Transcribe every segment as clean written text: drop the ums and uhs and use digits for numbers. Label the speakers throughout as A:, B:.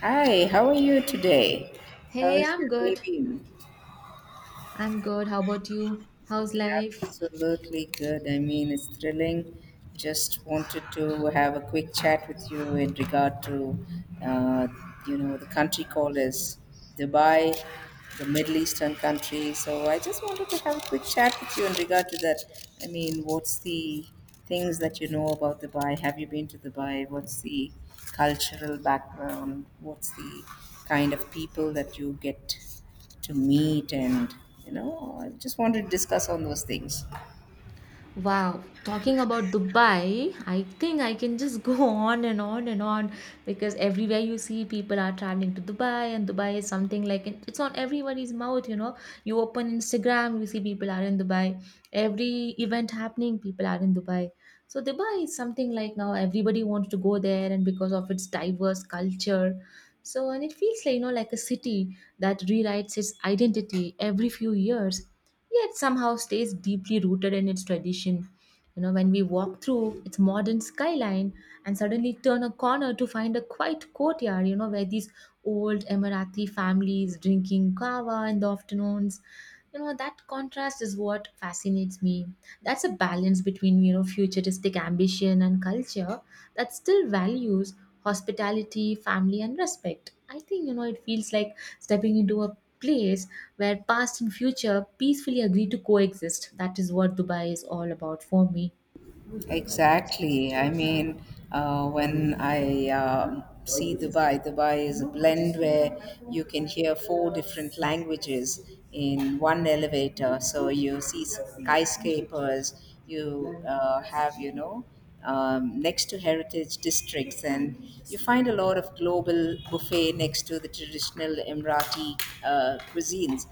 A: Hi, how are you today? How
B: Hey,
A: is your
B: I'm
A: day
B: good.
A: been?
B: I'm good. How about you? How's life?
A: Absolutely good. I mean, it's thrilling. Just wanted to have a quick chat with you in regard to, uh, you know, the country callers, Dubai, the Middle Eastern country. So I just wanted to have a quick chat with you in regard to that. I mean, what's the... things that you know about Dubai? Have you been to Dubai? What's the cultural background? What's the kind of people that you get to meet, and you know, I just want to discuss on those things.
B: Wow, talking about Dubai, I think I can just go on and on and on because everywhere you see people are traveling to Dubai, and Dubai is something like it's on everybody's mouth, you know. You open Instagram, you see people are in Dubai. Every event happening, people are in Dubai. So Dubai is something like now everybody wants to go there, and because of its diverse culture. So, and it feels like, you know, like a city that rewrites its identity every few years yet somehow stays deeply rooted in its tradition. You know, when we walk through its modern skyline and suddenly turn a corner to find a quiet courtyard, you know, where these old Emirati families drinking kava in the afternoons, you know, that contrast is what fascinates me. That's a balance between, you know, futuristic ambition and culture that still values hospitality, family, and respect. I think, you know, it feels like stepping into a place where past and future peacefully agree to coexist. That is what Dubai is all about for me.
A: Exactly. I mean, when I see Dubai. Dubai is a blend where you can hear four different languages in one elevator. So you see skyscrapers, you have, you know, next to heritage districts, and you find a lot of global buffet next to the traditional Emirati cuisines.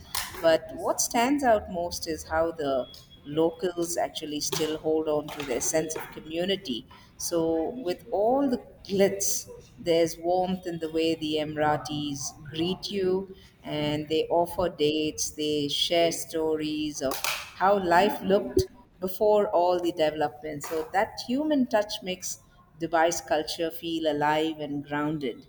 A: But what stands out most is how the locals actually still hold on to their sense of community. So, with all the glitz, there's warmth in the way the Emiratis greet you, and they offer dates, they share stories of how life looked before all the development. So that human touch makes Dubai's culture feel alive and grounded.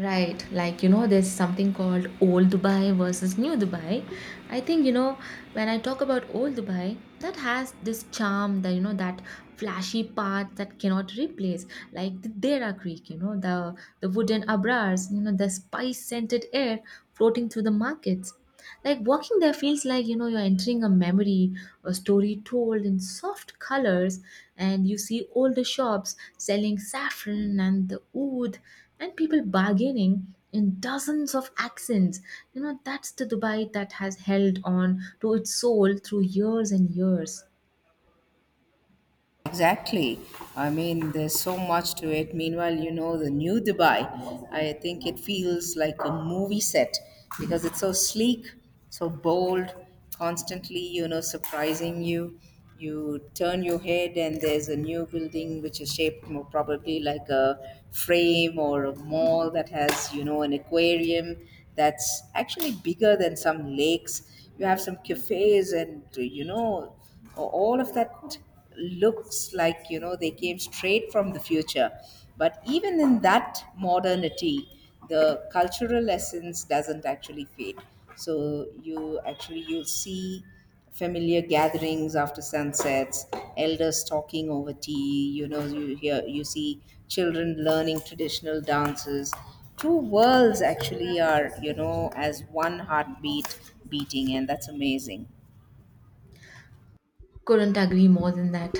B: Right, like you know, there's something called old Dubai versus new Dubai. I think you know, when I talk about old Dubai, that has this charm that you know, that flashy part that cannot replace, like the Dera Creek, you know, the wooden abrars, you know, the spice scented air floating through the markets. Like walking there feels like you know you're entering a memory, a story told in soft colors, and you see older shops selling saffron and the oud, and people bargaining in dozens of accents. You know that's the Dubai that has held on to its soul through years and years.
A: Exactly. I mean, there's so much to it. Meanwhile, you know, the new Dubai, I think it feels like a movie set because it's so sleek, so bold, constantly, you know, surprising you. You turn your head, and there's a new building which is shaped more probably like a frame, or a mall that has, you know, an aquarium that's actually bigger than some lakes. You have some cafes and, you know, all of that looks like, you know, they came straight from the future. But even in that modernity, the cultural essence doesn't actually fade. So you actually, you'll see familiar gatherings after sunsets, elders talking over tea, you know, you hear, you see children learning traditional dances. Two worlds actually are, you know, as one heartbeat beating, and that's amazing.
B: Couldn't agree more than that.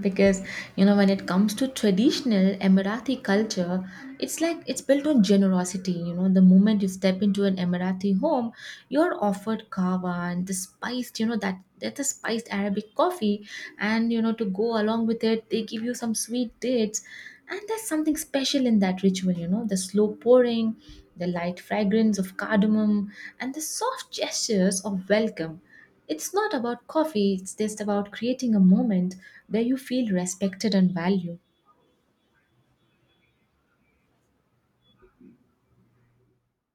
B: Because, you know, when it comes to traditional Emirati culture, it's like it's built on generosity. You know, the moment you step into an Emirati home, you're offered kava and the spiced, you know, that's a spiced Arabic coffee. And, you know, to go along with it, they give you some sweet dates. And there's something special in that ritual, you know, the slow pouring, the light fragrance of cardamom, and the soft gestures of welcome. It's not about coffee, it's just about creating a moment where you feel respected and valued.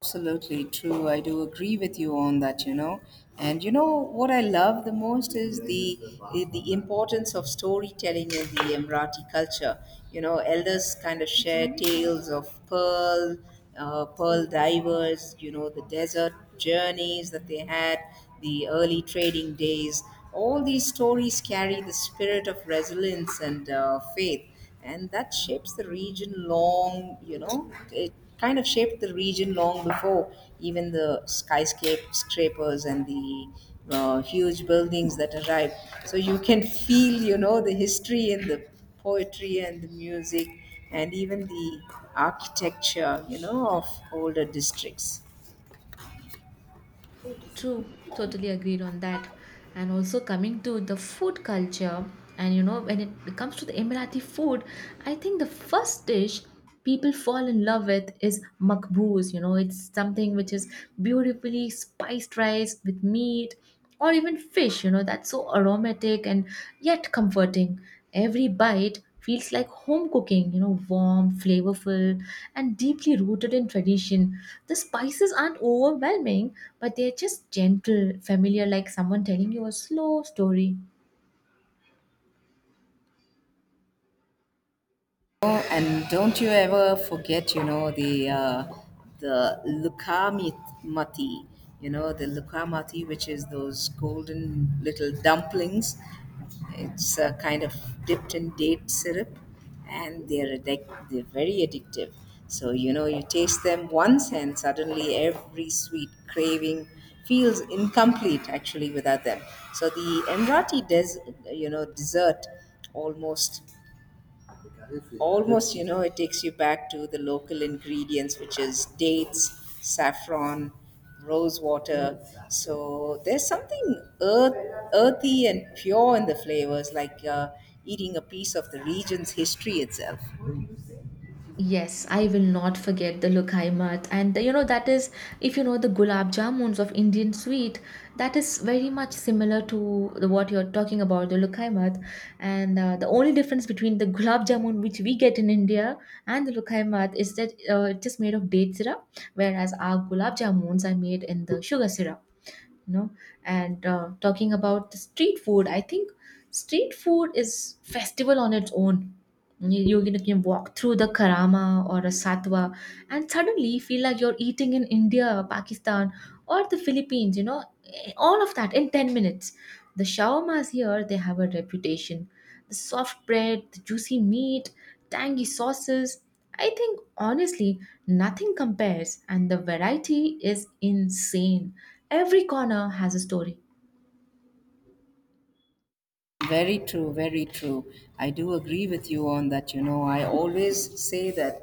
A: Absolutely true. I do agree with you on that, you know. And you know what I love the most is the importance of storytelling in the Emirati culture. You know, elders kind of share tales of pearl divers. You know, the desert journeys that they had, the early trading days. All these stories carry the spirit of resilience and faith, and that shapes the region long, you know, it kind of shaped the region long before even the skyscrapers and the huge buildings that arrive. So you can feel, you know, the history in the poetry and the music, and even the architecture, you know, of older districts.
B: True, totally agreed on that. And also coming to the food culture, and you know, when it comes to the Emirati food, I think the first dish people fall in love with is makbuz. You know, it's something which is beautifully spiced rice with meat or even fish, you know, that's so aromatic and yet comforting. Every bite feels like home cooking, you know, warm, flavorful, and deeply rooted in tradition. The spices aren't overwhelming, but they're just gentle, familiar, like someone telling you a slow story.
A: Oh, and don't you ever forget, you know, the lukamati, you know, the lukamati, which is those golden little dumplings. It's kind of dipped in date syrup, and they're very addictive. So you know, you taste them once, and suddenly every sweet craving feels incomplete actually without them. So the Emirati you know, dessert, almost almost you know, it takes you back to the local ingredients, which is dates, saffron, rose water. So there's something earthy and pure in the flavors, like eating a piece of the region's history itself.
B: Yes, I will not forget the Lokaimat. And you know, that is, if you know the gulab jamuns of Indian sweet, that is very much similar to the, what you're talking about, the Lokaimat. And the only difference between the gulab jamun, which we get in India, and the Lokaimat is that it's just made of date syrup, whereas our gulab jamuns are made in the sugar syrup, you know. And talking about the street food, I think street food is festival on its own. You can you can walk through the Karama or a Satwa and suddenly feel like you're eating in India, Pakistan, or the Philippines, you know, all of that in 10 minutes. The shawarmas here, they have a reputation, the soft bread, the juicy meat, tangy sauces. I think honestly, nothing compares, and the variety is insane. Every corner has a story.
A: Very true, very true. I do agree with you on that. You know, I always say that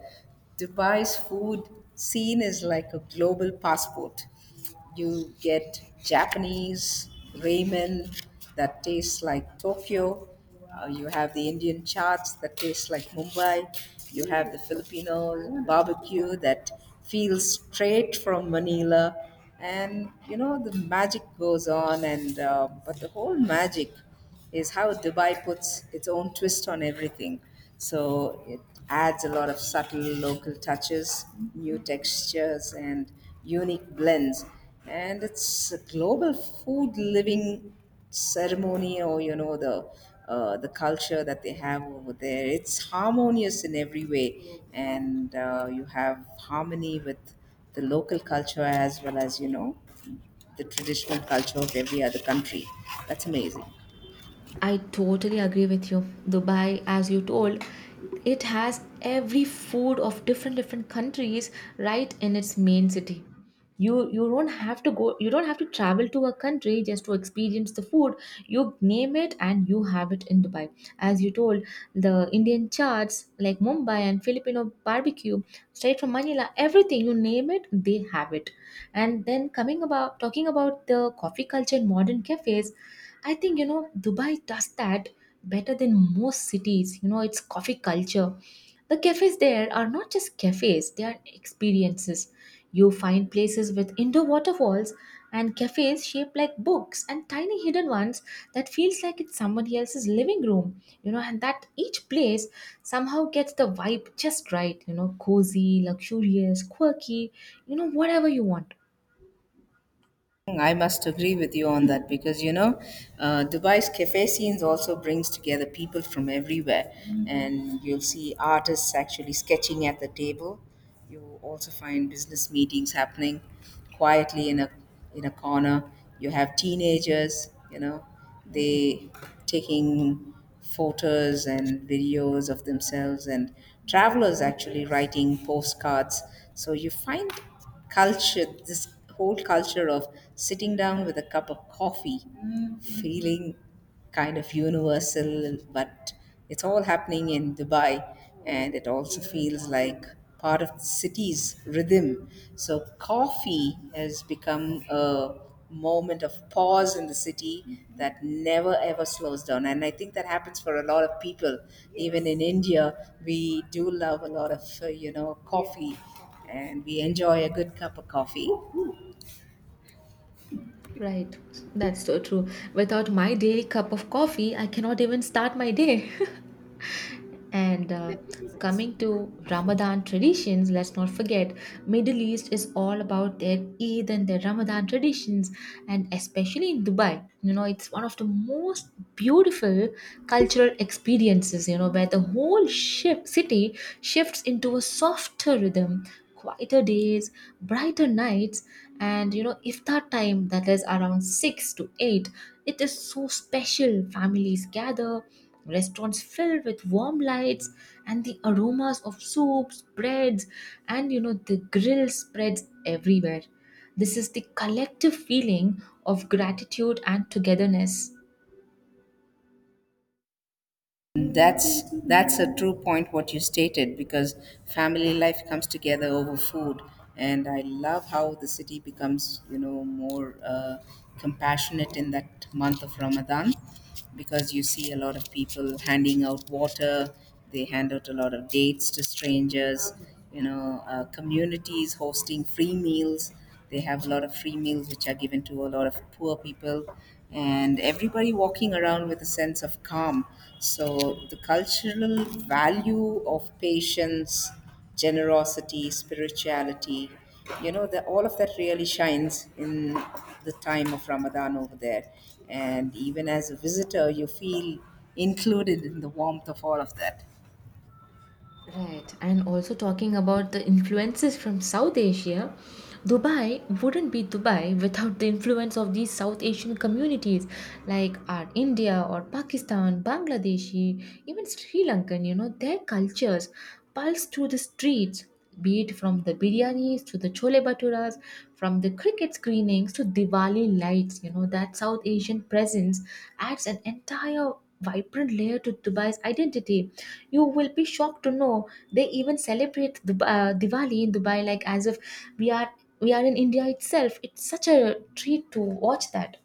A: Dubai's food scene is like a global passport. You get Japanese ramen that tastes like Tokyo. You have the Indian charts that taste like Mumbai. You have the Filipino barbecue that feels straight from Manila. And you know, the magic goes on, and but the whole magic is how Dubai puts its own twist on everything. So it adds a lot of subtle local touches, new textures, and unique blends. And it's a global food living ceremony, or you know, the culture that they have over there. It's harmonious in every way, and you have harmony with the local culture as well as, you know, the traditional culture of every other country. That's amazing.
B: I totally agree with you. Dubai, as you told, it has every food of different different countries right in its main city. You don't have to go, you don't have to travel to a country just to experience the food. You name it and you have it in Dubai. As you told, the Indian charts like Mumbai and Filipino barbecue, straight from Manila, everything you name it, they have it. And then coming about talking about the coffee culture and modern cafes, I think you know Dubai does that better than most cities. You know, its coffee culture. The cafes there are not just cafes, they are experiences. You find places with indoor waterfalls and cafes shaped like books and tiny hidden ones that feels like it's somebody else's living room, you know, and that each place somehow gets the vibe just right, you know, cozy, luxurious, quirky, you know, whatever you want.
A: I must agree with you on that because you know, Dubai's cafe scenes also brings together people from everywhere, and you'll see artists actually sketching at the table. You also find business meetings happening quietly in a corner. You have teenagers, you know, they taking photos and videos of themselves, and travelers actually writing postcards. So you find culture, this whole culture of sitting down with a cup of coffee, feeling kind of universal, but it's all happening in Dubai, and it also feels like part of the city's rhythm. So, coffee has become a moment of pause in the city that never ever slows down, and I think that happens for a lot of people. Even in India, we do love a lot of you know, coffee, and we enjoy a good cup of coffee.
B: Right. That's so true. Without my daily cup of coffee, I cannot even start my day. And coming to Ramadan traditions, let's not forget, Middle East is all about their Eid and their Ramadan traditions, and especially in Dubai. You know, it's one of the most beautiful cultural experiences, you know, where the whole ship city shifts into a softer rhythm, quieter days, brighter nights, and you know, iftar time that is around 6 to 8, it is so special. Families gather, restaurants filled with warm lights, and the aromas of soups, breads, and you know, the grill spreads everywhere. This is the collective feeling of gratitude and togetherness.
A: That's a true point what you stated, because family life comes together over food, and I love how the city becomes, you know, more compassionate in that month of Ramadan, because you see a lot of people handing out water, they hand out a lot of dates to strangers, you know, communities hosting free meals. They have a lot of free meals which are given to a lot of poor people, and everybody walking around with a sense of calm. So, the cultural value of patience, generosity, spirituality, you know, all of that really shines in the time of Ramadan over there. And even as a visitor, you feel included in the warmth of all of that.
B: Right, and also talking about the influences from South Asia, Dubai wouldn't be Dubai without the influence of these South Asian communities like our India or Pakistan, Bangladeshi, even Sri Lankan, you know, their cultures pulse through the streets, be it from the biryanis to the chole bhaturas, from the cricket screenings to Diwali lights. You know, that South Asian presence adds an entire vibrant layer to Dubai's identity. You will be shocked to know they even celebrate Diwali in Dubai like as if we are we are in India itself. It's such a treat to watch that.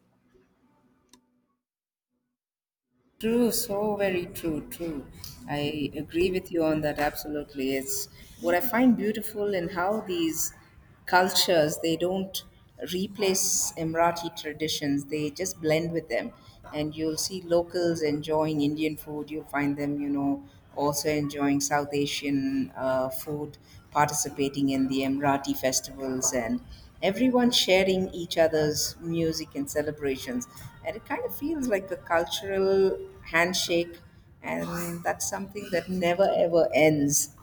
A: True, so very true, true. I agree with you on that absolutely. It's what I find beautiful in how these cultures, they don't replace Emirati traditions. They just blend with them. And you'll see locals enjoying Indian food. You'll find them, you know, also enjoying South Asian food, participating in the Emirati festivals, and everyone sharing each other's music and celebrations. And it kind of feels like a cultural handshake, and that's something that never ever ends.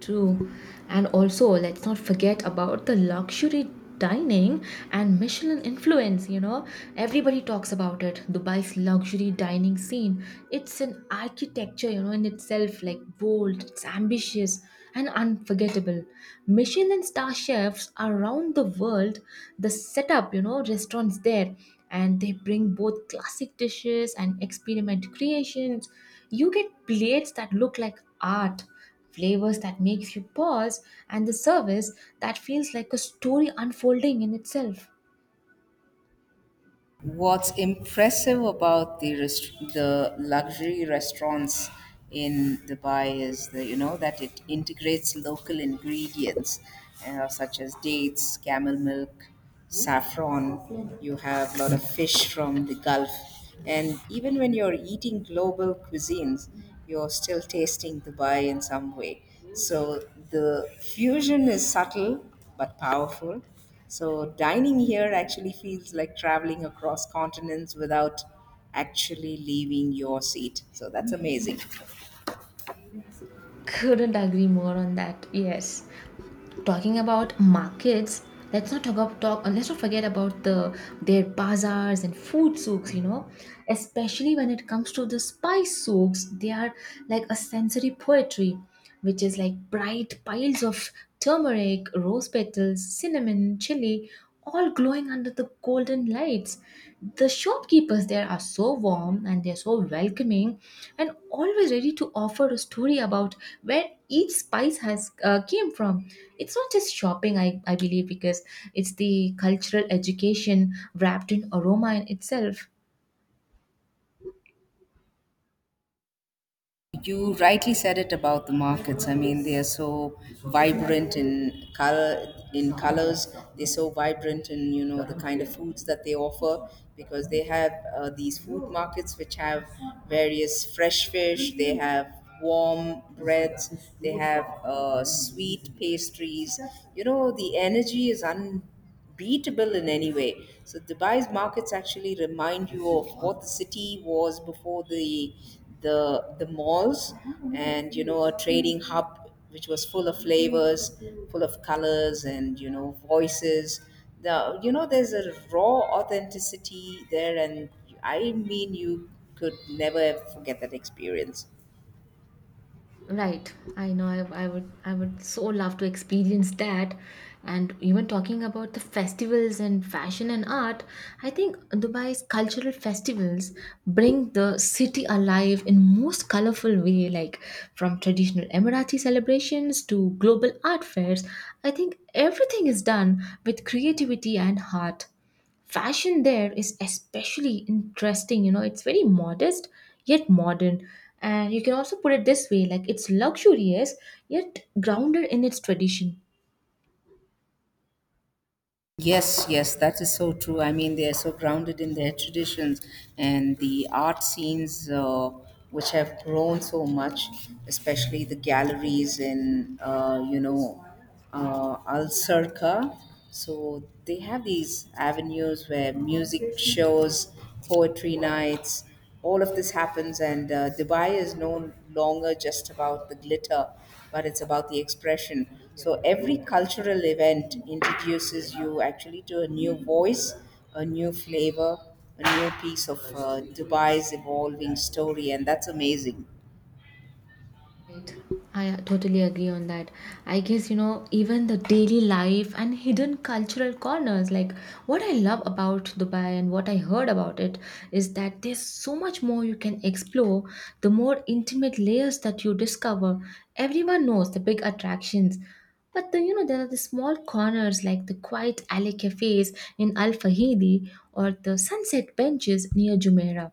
B: True. And also, let's not forget about the luxury dining and Michelin influence, you know. Everybody talks about it. Dubai's luxury dining scene. It's an architecture, you know, in itself, like bold, it's ambitious and unforgettable. Michelin star chefs around the world, the setup, you know, restaurants there, and they bring both classic dishes and experiment creations. You get plates that look like art, flavors that makes you pause, and the service that feels like a story unfolding in itself.
A: What's impressive about the the luxury restaurants in Dubai is the, you know, that it integrates local ingredients, such as dates, camel milk, saffron. You have a lot of fish from the Gulf, and even when you're eating global cuisines, you're still tasting Dubai in some way. So the fusion is subtle but powerful. So dining here actually feels like traveling across continents without actually leaving your seat. So that's amazing.
B: Couldn't agree more on that. Yes, talking about markets, let's not forget about the their bazaars and food souks, you know, especially when it comes to the spice souks. They are like a sensory poetry, which is like bright piles of turmeric, rose petals, cinnamon, chili, all glowing under the golden lights. The shopkeepers there are so warm and they're so welcoming and always ready to offer a story about where each spice has came from. It's not just shopping, I believe, because it's the cultural education wrapped in aroma in itself.
A: You rightly said it about the markets. I mean, they are so vibrant in colors. They're so vibrant in, you know, the kind of foods that they offer, because they have, these food markets which have various fresh fish. They have warm breads. They have sweet pastries. You know, the energy is unbelievable, beatable in any way. So Dubai's markets actually remind you of what the city was before the malls, and you know, a trading hub which was full of flavors, full of colors, and you know, voices. The, you know, there's a raw authenticity there, and I mean, you could never forget that experience.
B: Right. I know, I would I would so love to experience that. And even talking about the festivals and fashion and art, I think Dubai's cultural festivals bring the city alive in most colorful way, like from traditional Emirati celebrations to global art fairs. I think everything is done with creativity and heart. Fashion there is especially interesting, you know, it's very modest yet modern, and you can also put it this way, like it's luxurious yet grounded in its tradition.
A: Yes, yes, that is so true. I mean, they are so grounded in their traditions, and the art scenes, which have grown so much, especially the galleries in, you know, Al Circa. So they have these avenues where music shows, poetry nights, all of this happens, and Dubai is no longer just about the glitter but it's about the expression. So every cultural event introduces you actually to a new voice, a new flavor, a new piece of Dubai's evolving story, and that's amazing.
B: Right. I totally agree on that. I guess, you know, even the daily life and hidden cultural corners, like what I love about Dubai and what I heard about it is that there's so much more you can explore, the more intimate layers that you discover. Everyone knows the big attractions, but then, you know, there are the small corners like the quiet alley cafes in Al Fahidi or the sunset benches near Jumeirah.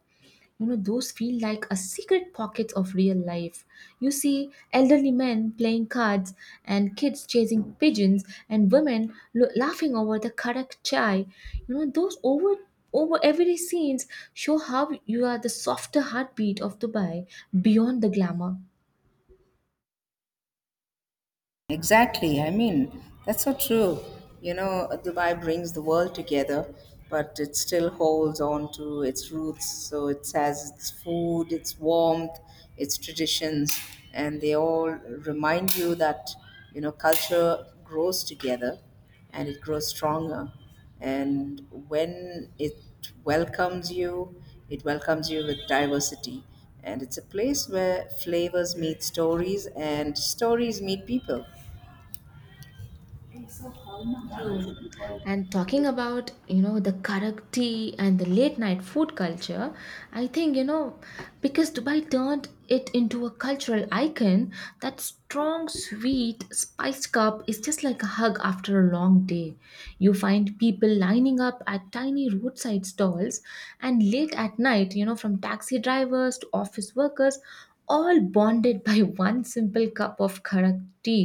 B: You know those feel like a secret pocket of real life. You see elderly men playing cards and kids chasing pigeons and women laughing over the karak chai, you know, those over everyday scenes show how you are the softer heartbeat of Dubai beyond the glamour.
A: Exactly. I mean, that's so true. You know, Dubai brings the world together, but it still holds on to its roots. So it has its food, its warmth, its traditions, and they all remind you that, you know, culture grows together and it grows stronger. And when welcomes you, it welcomes you with diversity. And it's a place where flavors meet stories and stories meet people.
B: True. And talking about, you know, the karak tea and the late night food culture, I think, you know, because Dubai turned it into a cultural icon, that strong, sweet, spiced cup is just like a hug after a long day. You find people lining up at tiny roadside stalls and late at night, you know, from taxi drivers to office workers, all bonded by one simple cup of karak tea.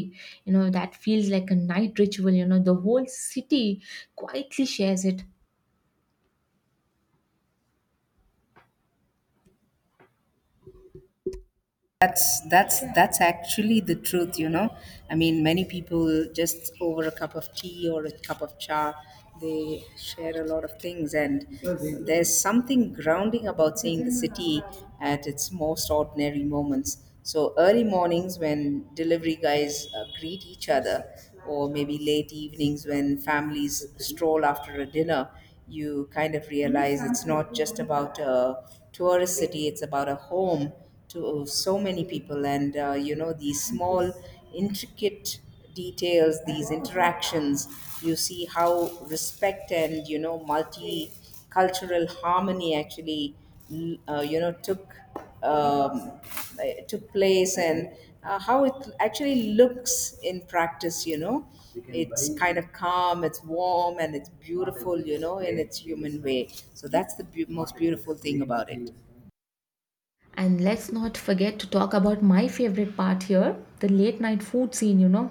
B: You know, that feels like a night ritual. You know, the whole city quietly shares it.
A: That's actually the truth, you know. I mean, many people just over a cup of tea or a cup of cha, they share a lot of things, and there's something grounding about seeing the city at its most ordinary moments. So early mornings when delivery guys greet each other, or maybe late evenings when families stroll after a dinner, you kind of realize it's not just about a tourist city; it's about a home to so many people, and you know these small intricate details, these interactions. You see how respect and, you know, multicultural harmony actually you know took um, took place, and how it actually looks in practice. You know, it's kind of calm, it's warm, and it's beautiful, you know, in its human way. So that's the most beautiful thing about it.
B: And let's not forget to talk about my favorite part here, the late night food scene. You know,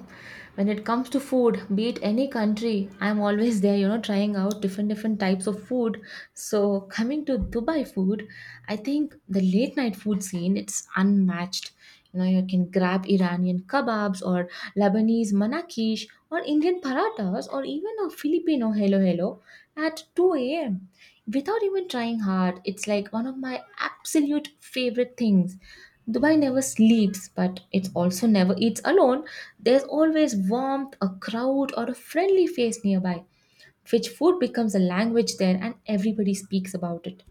B: when it comes to food, be it any country, I'm always there, you know, trying out different types of food. So coming to Dubai food, I think the late night food scene, it's unmatched. You know, you can grab Iranian kebabs or Lebanese manakish or Indian paratas or even a Filipino hello hello at 2 a.m. without even trying hard. It's like one of my absolute favorite things. Dubai never sleeps, but it also never eats alone. There's always warmth, a crowd, or a friendly face nearby, which food becomes a language there and everybody speaks about it.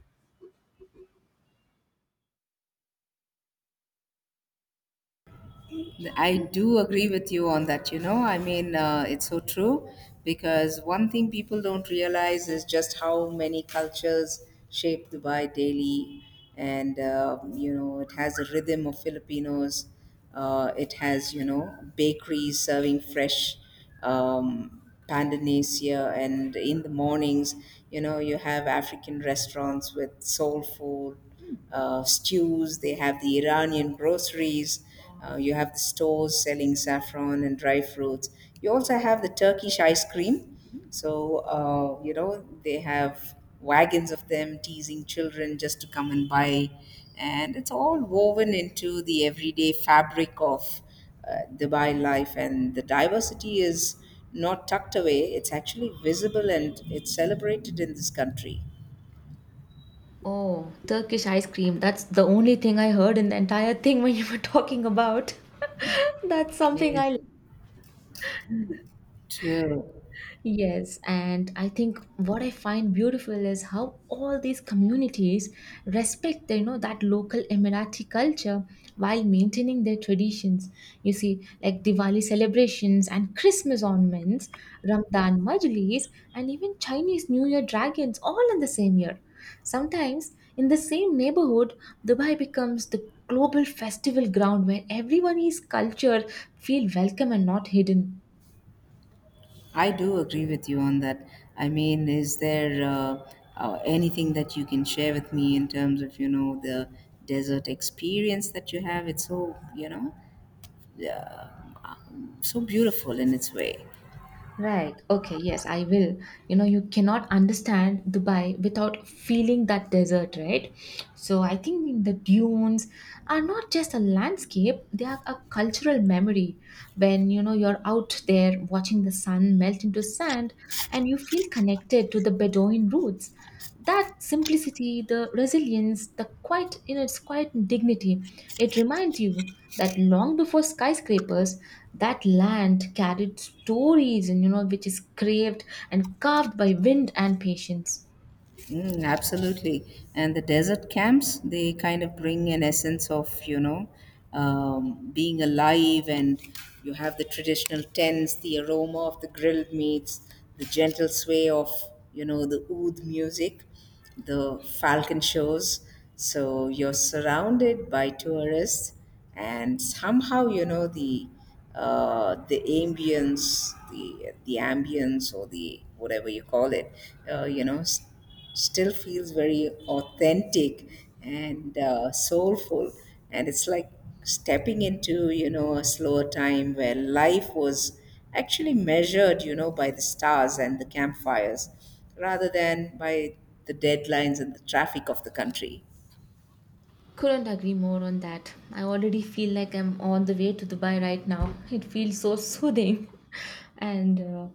A: I do agree with you on that, you know. I mean, it's so true because one thing people don't realize is just how many cultures shape Dubai daily. And, you know, it has a rhythm of Filipinos, it has, you know, bakeries serving fresh um, Pandanesia, and in the mornings, you know, you have African restaurants with soul food, stews. They have the Iranian groceries. You have the stores selling saffron and dry fruits. You also have the Turkish ice cream. So, you know, they have wagons of them teasing children just to come and buy. And it's all woven into the everyday fabric of Dubai life, and the diversity is not tucked away, it's actually visible and it's celebrated in this country.
B: Oh, Turkish ice cream. That's the only thing I heard in the entire thing when you were talking about. That's something I—
A: Amazing. True.
B: Yes, and I think what I find beautiful is how all these communities respect, you know, that local Emirati culture while maintaining their traditions. You see, like Diwali celebrations and Christmas ornaments, Ramadan majlis, and even Chinese New Year dragons, all in the same year. Sometimes, in the same neighborhood, Dubai becomes the global festival ground where everyone is culture feel welcome and not hidden.
A: I do agree with you on that. I mean, is there anything that you can share with me in terms of, you know, the desert experience that you have? It's so, you know, uh, so beautiful in its way.
B: Right. Okay. Yes, I will. You know, you cannot understand Dubai without feeling that desert, right? So I think the dunes are not just a landscape, they are a cultural memory. When, you know, you're out there watching the sun melt into sand and you feel connected to the Bedouin roots. That simplicity, the resilience, the quiet in its quiet dignity, it reminds you that long before skyscrapers, that land carried stories, and you know, which is craved and carved by wind and patience.
A: Mm, absolutely. And the desert camps, they kind of bring an essence of, you know, being alive, and you have the traditional tents, the aroma of the grilled meats, the gentle sway of, you know, the oud music, the falcon shows. So you're surrounded by tourists, and somehow, you know, the ambience, the ambience, or the whatever you call it, you know, still feels very authentic and soulful, and it's like stepping into, you know, a slower time where life was actually measured, you know, by the stars and the campfires, rather than by the deadlines and the traffic of the country.
B: Couldn't agree more on that. I already feel like I'm on the way to Dubai right now. It feels so soothing. And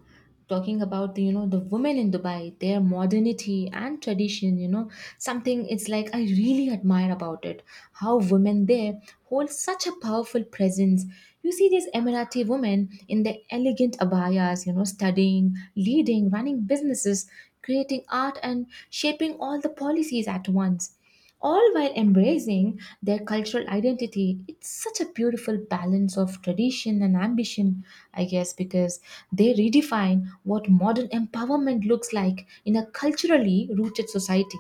B: Talking about the, you know, the women in Dubai, their modernity and tradition, you know, something it's like I really admire about it. How women there hold such a powerful presence. You see these Emirati women in their elegant abayas, you know, studying, leading, running businesses, creating art and shaping all the policies at once, all while embracing their cultural identity. It's such a beautiful balance of tradition and ambition, I guess, because they redefine what modern empowerment looks like in a culturally rooted society.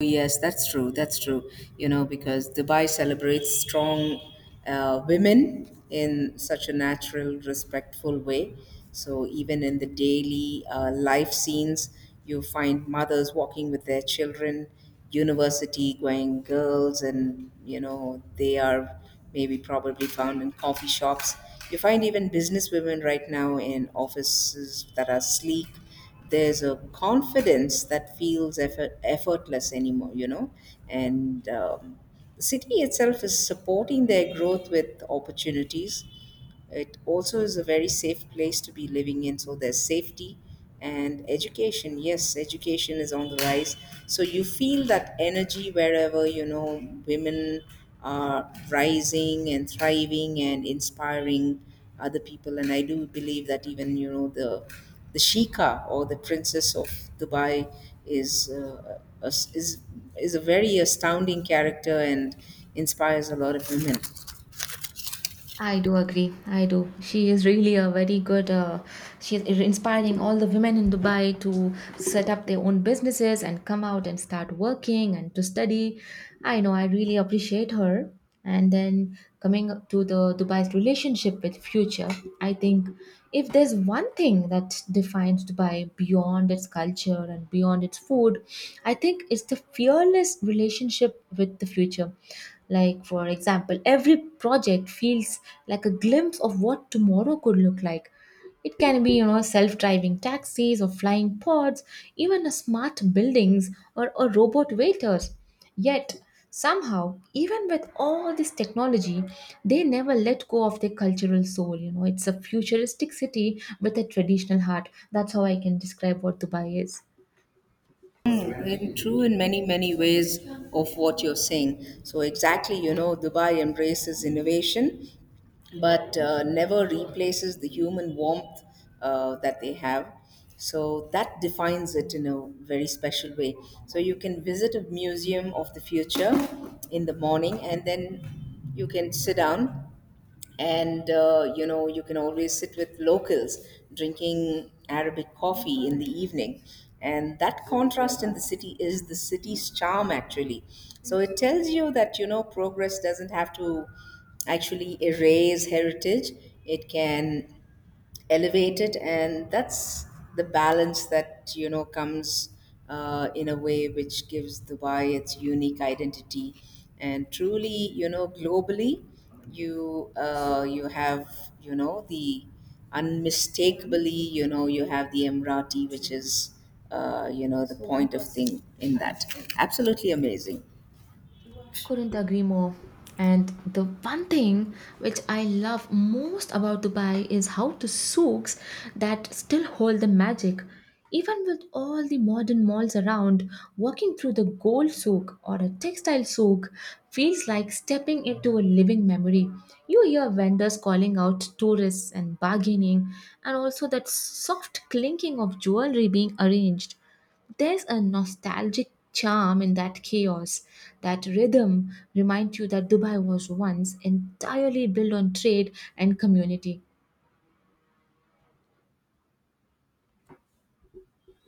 A: Yes, that's true. That's true. You know, because Dubai celebrates strong women in such a natural, respectful way. So even in the daily life scenes, you find mothers walking with their children, university going girls, and you know they are maybe probably found in coffee shops. You find even business women right now in offices that are sleek. There's a confidence that feels effortless anymore, you know. And the city itself is supporting their growth with opportunities. It also is a very safe place to be living in, so there's safety and education. Yes, education is on the rise. So you feel that energy wherever, you know, women are rising and thriving and inspiring other people. And I do believe that, even you know, the Sheikah or the Princess of Dubai is uh, a- is is a very astounding character and inspires a lot of women.
B: I do agree. I do. She is really a very good. She is inspiring all the women in Dubai to set up their own businesses and come out and start working and to study. I know. I really appreciate her. And then coming up to the Dubai's relationship with future, I think if there's one thing that defines Dubai beyond its culture and beyond its food, I think it's the fearless relationship with the future, like, for example, every project feels like a glimpse of what tomorrow could look like. It can be, you know, self driving taxis or flying pods, even a smart buildings or robot waiters. Yet, somehow, even with all this technology, they never let go of their cultural soul. You know, it's a futuristic city with a traditional heart. That's how I can describe what Dubai is.
A: Mm, in true in many many ways of what you're saying. So exactly, you know, Dubai embraces innovation but never replaces the human warmth that they have. So that defines it in a very special way. So you can visit a museum of the future in the morning, and then you can sit down and, you know, you can always sit with locals drinking Arabic coffee in the evening. And that contrast in the city is the city's charm, actually. So it tells you that, you know, progress doesn't have to actually erase heritage, it can elevate it. And that's the balance that, you know, comes in a way which gives Dubai its unique identity. And truly, you know, globally, you have, you know, the unmistakably, you know, you have the Emirati, which is you know, the point of thing in that, absolutely amazing.
B: Couldn't agree more. And the one thing which I love most about Dubai is how the souks that still hold the magic. Even with all the modern malls around, walking through the gold souk or a textile souk feels like stepping into a living memory. You hear vendors calling out tourists and bargaining, and also that soft clinking of jewelry being arranged. There's a nostalgic charm in that chaos. That rhythm reminds you that Dubai was once entirely built on trade and community.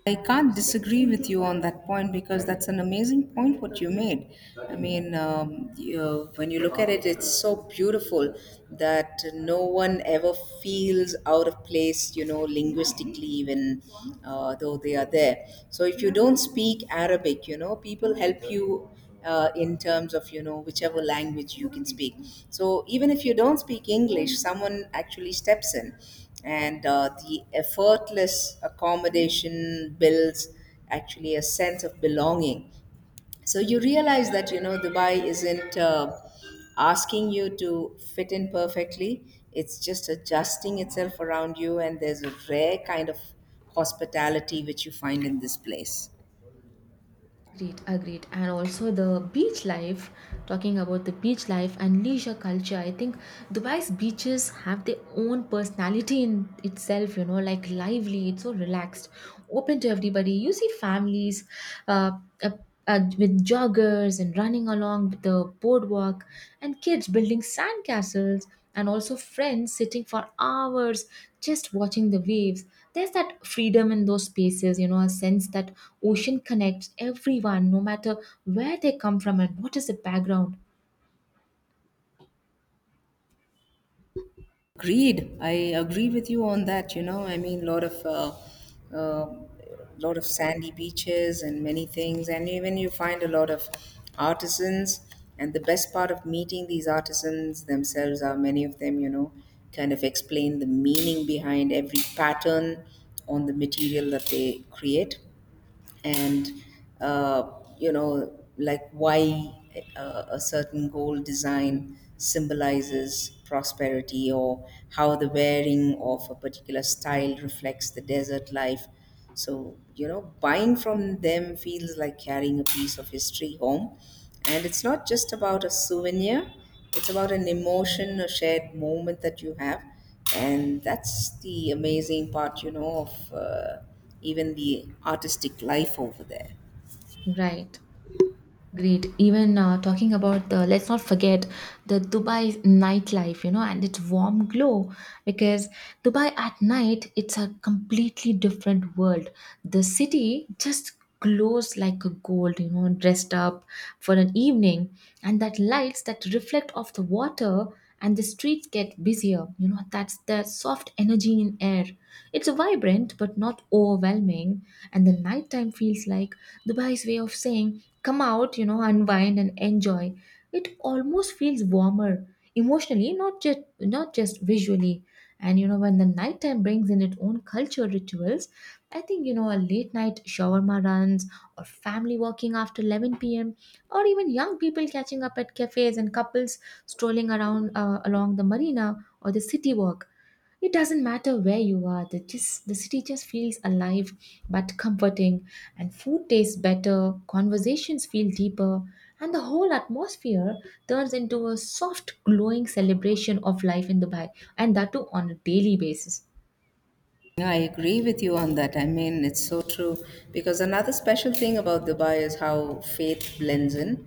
A: I can't disagree with you on that point, because that's an amazing point what you made. I mean, you, when you look at it, it's so beautiful that no one ever feels out of place, you know, linguistically, even though they are there. So if you don't speak Arabic, you know, people help you in terms of, you know, whichever language you can speak. So even if you don't speak English, someone actually steps in, and the effortless accommodation builds actually a sense of belonging. So you realize that, you know, Dubai isn't, asking you to fit in perfectly, it's just adjusting itself around you, and there's a rare kind of hospitality which you find in this place.
B: Agreed, agreed. And also the beach life, talking about the beach life and leisure culture, I think Dubai's beaches have their own personality in itself, you know, like lively, it's so relaxed, open to everybody. You see families uh, uh, with joggers and running along the boardwalk, and kids building sand castles and also friends sitting for hours just watching the waves. There's that freedom in those spaces, you know, a sense that ocean connects everyone, no matter where they come from and what is the background.
A: Agreed. I agree with you on that. You know, I mean, a uh, lot of sandy beaches and many things, and even you find a lot of artisans. And the best part of meeting these artisans themselves are many of them, you know, kind of explain the meaning behind every pattern on the material that they create, and uh, you know, like why a certain gold design symbolizes prosperity, or how the wearing of a particular style reflects the desert life. So, you know, buying from them feels like carrying a piece of history home, and it's not just about a souvenir, it's about an emotion, a shared moment that you have. And that's the amazing part, you know, of even the artistic life over there.
B: Right. Agreed. Even talking about the, let's not forget the Dubai nightlife, you know, and its warm glow. Because Dubai at night, it's a completely different world. The city just glows like a gold, you know, dressed up for an evening. And that lights that reflect off the water and the streets get busier. You know, that's the soft energy in air. It's vibrant but not overwhelming. And the nighttime feels like Dubai's way of saying, come out, you know, unwind and enjoy, it almost feels warmer emotionally, not just visually. And you know, when the nighttime brings in its own cultural rituals, I think, you know, a late night shawarma runs, or family walking after 11 p.m., or even young people catching up at cafes and couples strolling around along the marina or the city walk, it doesn't matter where you are, the just the city just feels alive but comforting, and food tastes better, conversations feel deeper, and the whole atmosphere turns into a soft glowing celebration of life in Dubai, and that too on a daily basis.
A: Yeah, I agree with you on that. I mean, it's so true. Because another special thing about Dubai is how faith blends in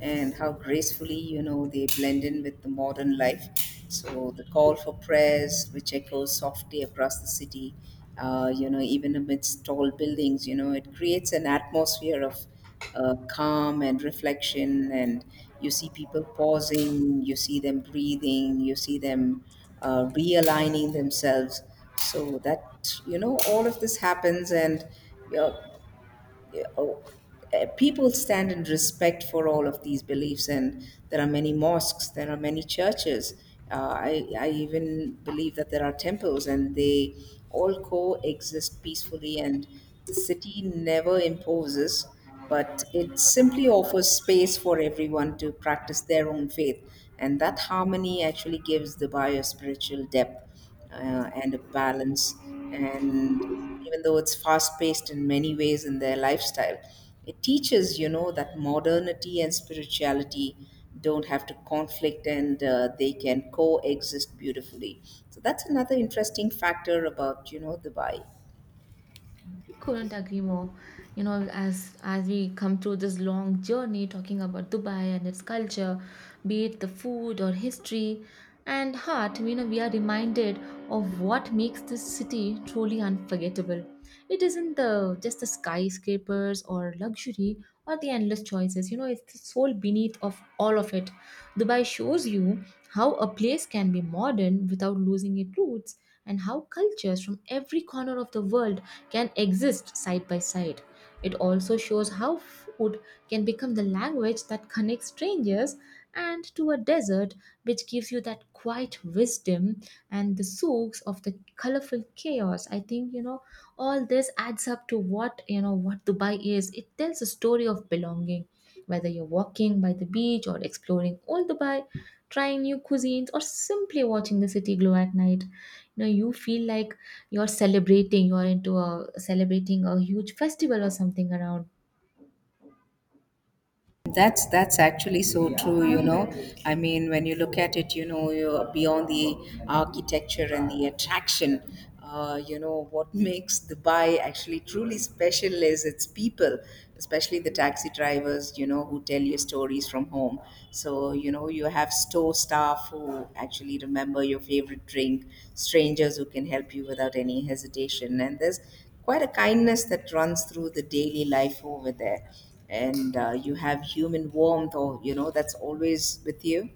A: and how gracefully, you know, they blend in with the modern life. So the call for prayers, which echoes softly across the city, you know, even amidst tall buildings, you know, it creates an atmosphere of calm and reflection. And you see people pausing, you see them breathing, you see them realigning themselves. So that, you know, all of this happens, and you, yeah, oh, eh, people stand in respect for all of these beliefs, and there are many mosques, there are many churches. Uh, I even believe that there are temples, and they all coexist peacefully, and the city never imposes, but it simply offers space for everyone to practice their own faith. And that harmony actually gives the Dubai a spiritual depth and a balance. And even though it's fast paced in many ways in their lifestyle, it teaches, you know, that modernity and spirituality don't have to conflict, and they can coexist beautifully. So that's another interesting factor about, you know, Dubai.
B: Couldn't agree more. You know, as we come through this long journey talking about Dubai and its culture, be it the food or history and heart, you know, we are reminded of what makes this city truly unforgettable. It isn't the just the skyscrapers or luxury or the endless choices. You know, it's the soul beneath of all of it. Dubai shows you how a place can be modern without losing its roots and how cultures from every corner of the world can exist side by side. It also shows how food can become the language that connects strangers and to a desert, which gives you that quiet wisdom and the soaks of the colorful chaos. I think, you know, all this adds up to what, you know, what Dubai is. It tells a story of belonging whether you're walking by the beach or exploring old Dubai, trying new cuisines, or simply watching the city glow at night. You know, you feel like you're celebrating, you're into a celebrating a huge festival or something around,
A: That's actually so true, you know. I mean, when you look at it, you know, you're beyond the architecture and the attraction, you know, what makes Dubai actually truly special is its people, especially the taxi drivers, you know, who tell you stories from home. So, you know, you have store staff who actually remember your favorite drink, strangers who can help you without any hesitation, and there's quite a kindness that runs through the daily life over there. And you have human warmth, or, you know, that's always with you.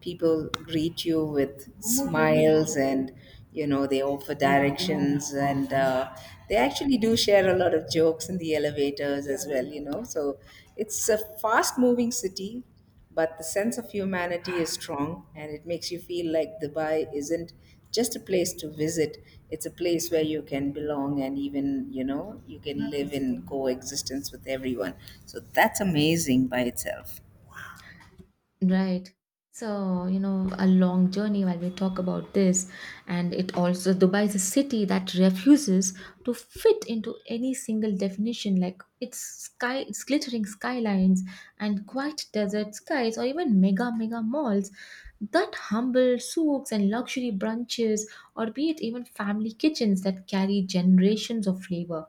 A: People greet you with smiles, and, you know, they offer directions, and they actually do share a lot of jokes in the elevators as well. You know, so it's a fast-moving city, but the sense of humanity is strong, and it makes you feel like Dubai isn't just a place to visit, it's a place where you can belong, and even, you know, you can live in coexistence with everyone. So that's amazing by itself.
B: right? So, you know, a long journey while we talk about this. And it also, Dubai is a city that refuses to fit into any single definition. Like its sky, its glittering skylines and quiet desert skies, or even mega malls, that humble souks and luxury brunches, or be it even family kitchens that carry generations of flavor.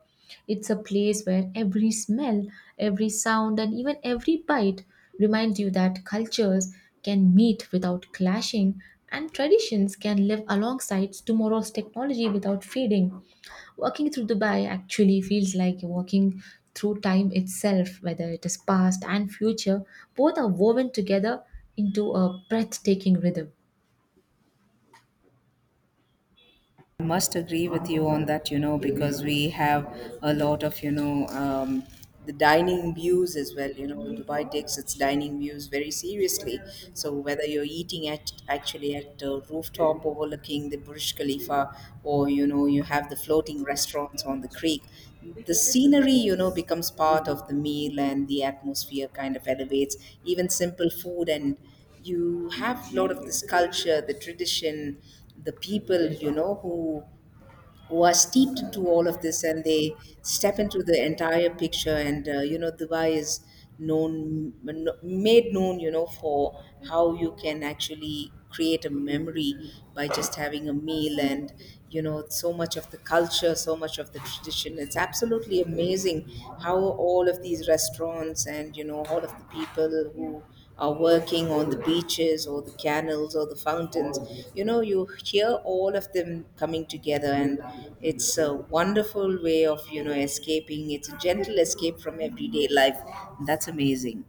B: It's a place where every smell, every sound, and even every bite reminds you that cultures can meet without clashing and traditions can live alongside tomorrow's technology without fading. Walking through Dubai actually feels like walking through time itself, whether it is past and future, both are woven together into a breathtaking rhythm.
A: I must agree with you on that, you know, because we have a lot of, you know, the dining views as well. You know, Dubai takes its dining views very seriously. So whether you're eating at actually at a rooftop overlooking the Burj Khalifa, or, you know, you have the floating restaurants on the creek, the scenery, you know, becomes part of the meal, and the atmosphere kind of elevates even simple food. And you have a lot of this culture, the tradition, the people, you know, who are steeped into all of this, and they step into the entire picture. And, you know, Dubai is known, made known, you know, for how you can actually create a memory by just having a meal and, you know, so much of the culture, so much of the tradition. It's absolutely amazing how all of these restaurants and, you know, all of the people who or working on the beaches or the canals or the fountains. You know, you hear all of them coming together, and it's a wonderful way of, you know, escaping. It's a gentle escape from everyday life. That's amazing.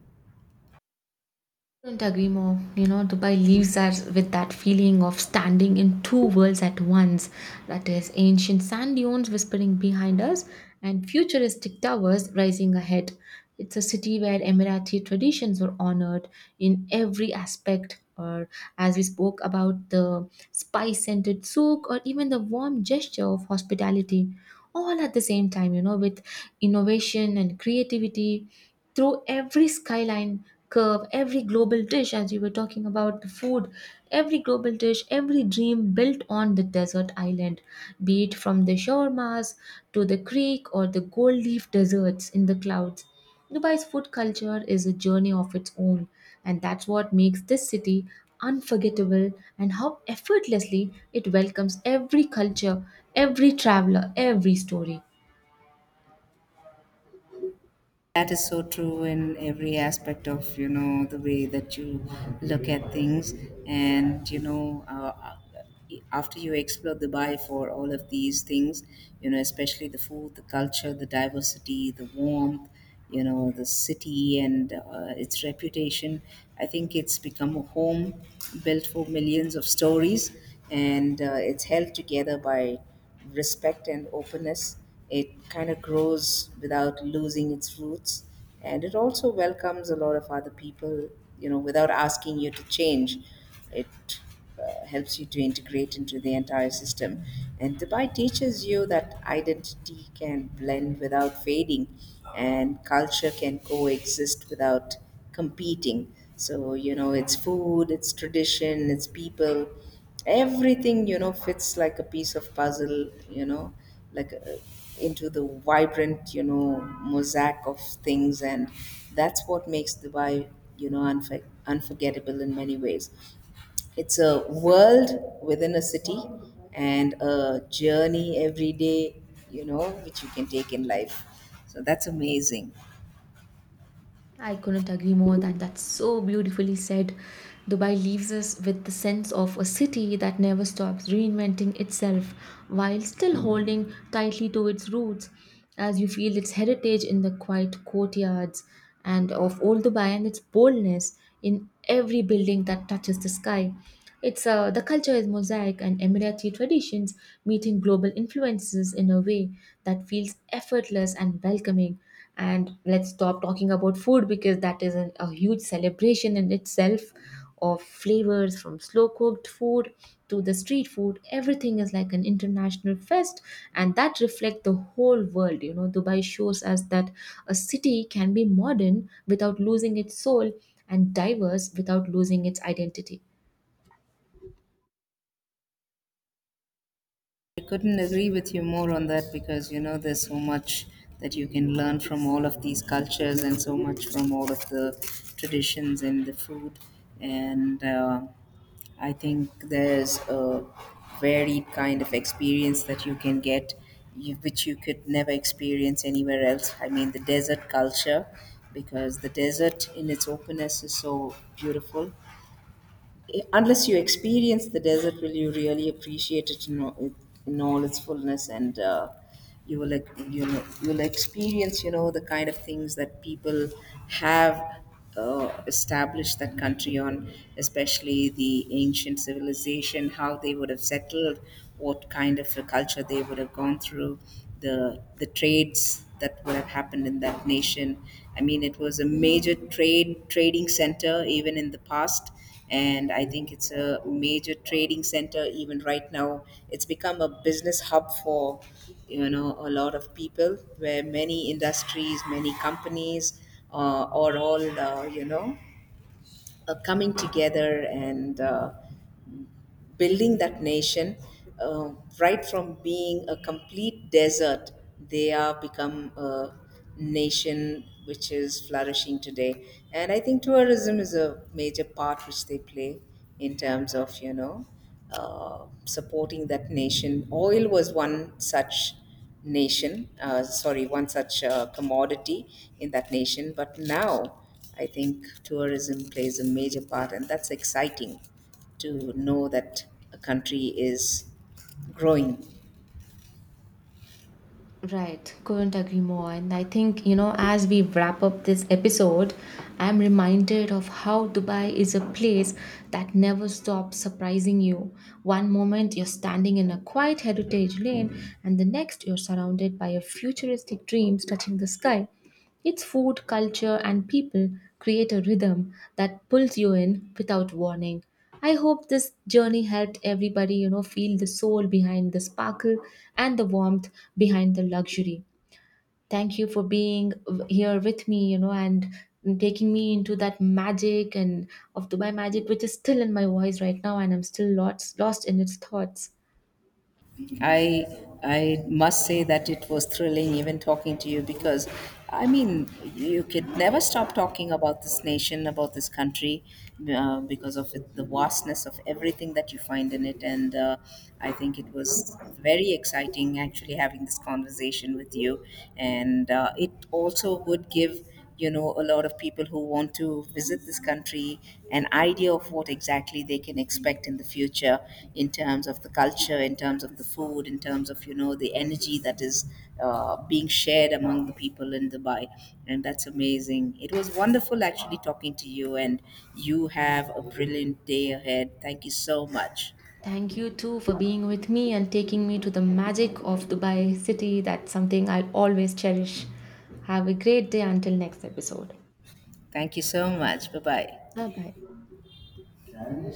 B: Couldn't agree more. You know, Dubai leaves us with that feeling of standing in two worlds at once. That is, ancient sand dunes whispering behind us and futuristic towers rising ahead. It's a city where Emirati traditions were honored in every aspect, or as we spoke about the spice scented souk, or even the warm gesture of hospitality. All at the same time, you know, with innovation and creativity through every skyline curve, every global dish, as you were talking about the food, every global dish, every dream built on the desert island, be it from the shawarmas to the creek or the gold leaf deserts in the clouds. Dubai's food culture is a journey of its own, and that's what makes this city unforgettable and how effortlessly it welcomes every culture, every traveler, every story.
A: That is so true in every aspect of, you know, the way that you look at things, and, you know, after you explore Dubai for all of these things, you know, especially the food, the culture, the diversity, the warmth, you know, the city and its reputation. I think it's become a home built for millions of stories, and it's held together by respect and openness. It kind of grows without losing its roots, and it also welcomes a lot of other people, you know, without asking you to change. It helps you to integrate into the entire system. And Dubai teaches you that identity can blend without fading, and culture can coexist without competing. So, you know, it's food, it's tradition, it's people, everything, you know, fits like a piece of puzzle, you know, like into the vibrant, you know, mosaic of things. And that's what makes Dubai, you know, unforgettable in many ways. It's a world within a city and a journey every day, you know, which you can take in life. So that's amazing.
B: I couldn't agree more that that's so beautifully said. Dubai leaves us with the sense of a city that never stops reinventing itself while still holding tightly to its roots as you feel its heritage in the quiet courtyards and of old Dubai and its boldness in every building that touches the sky. It's The culture is mosaic and Emirati traditions meeting global influences in a way that feels effortless and welcoming, and let's stop talking about food because that is a huge celebration in itself of flavors from slow cooked food to the street food. Everything is like an international fest, and that reflects the whole world. You know, Dubai shows us that a city can be modern without losing its soul and diverse without losing its identity.
A: I couldn't agree with you more on that, because, you know, there's so much that you can learn from all of these cultures and so much from all of the traditions and the food. And I think there's a varied kind of experience that you can get, you, which you could never experience anywhere else. I mean, the desert culture, because the desert in its openness is so beautiful. Unless you experience the desert, will you really appreciate it in, in all its fullness? And you will, you know, you'll experience, you know, the kind of things that people have established that country on, especially the ancient civilization, how they would have settled, what kind of a culture they would have gone through, the trades that would have happened in that nation. I mean, it was a major trade trading center even in the past, and I think it's a major trading center even right now. It's become a business hub for, you know, a lot of people, where many industries, many companies are all, you know, coming together and building that nation, uh, right from being a complete desert. They are become a nation which is flourishing today, and I think tourism is a major part which they play in terms of, you know, supporting that nation. Oil was one such one such commodity in that nation. But now I think tourism plays a major part, and that's exciting to know that a country is growing.
B: Right, couldn't agree more. And I think, you know, as we wrap up this episode, I'm reminded of how Dubai is a place that never stops surprising you. One moment you're standing in a quiet heritage lane, and the next you're surrounded by a futuristic dreams touching the sky. Its food, culture, and people create a rhythm that pulls you in without warning. I hope this journey helped everybody, you know, feel the soul behind the sparkle and the warmth behind the luxury. Thank you for being here with me, you know, and taking me into that magic and of Dubai magic, which is still in my voice right now, and I'm still lost in its thoughts.
A: I I must say that it was thrilling even talking to you, because I mean, you could never stop talking about this nation, about this country, because of it, the vastness of everything that you find in it. And I think it was very exciting actually having this conversation with you, and it also would give, you know, a lot of people who want to visit this country an idea of what exactly they can expect in the future, in terms of the culture, in terms of the food, in terms of, you know, the energy that is being shared among the people in Dubai. And that's amazing. It was wonderful actually talking to you, and you have a brilliant day ahead. Thank you so much.
B: Thank you too for being with me and taking me to the magic of Dubai city. That's something I'll always cherish. Have a great day until next episode.
A: Thank you so much. Bye
B: Bye bye.
A: bye.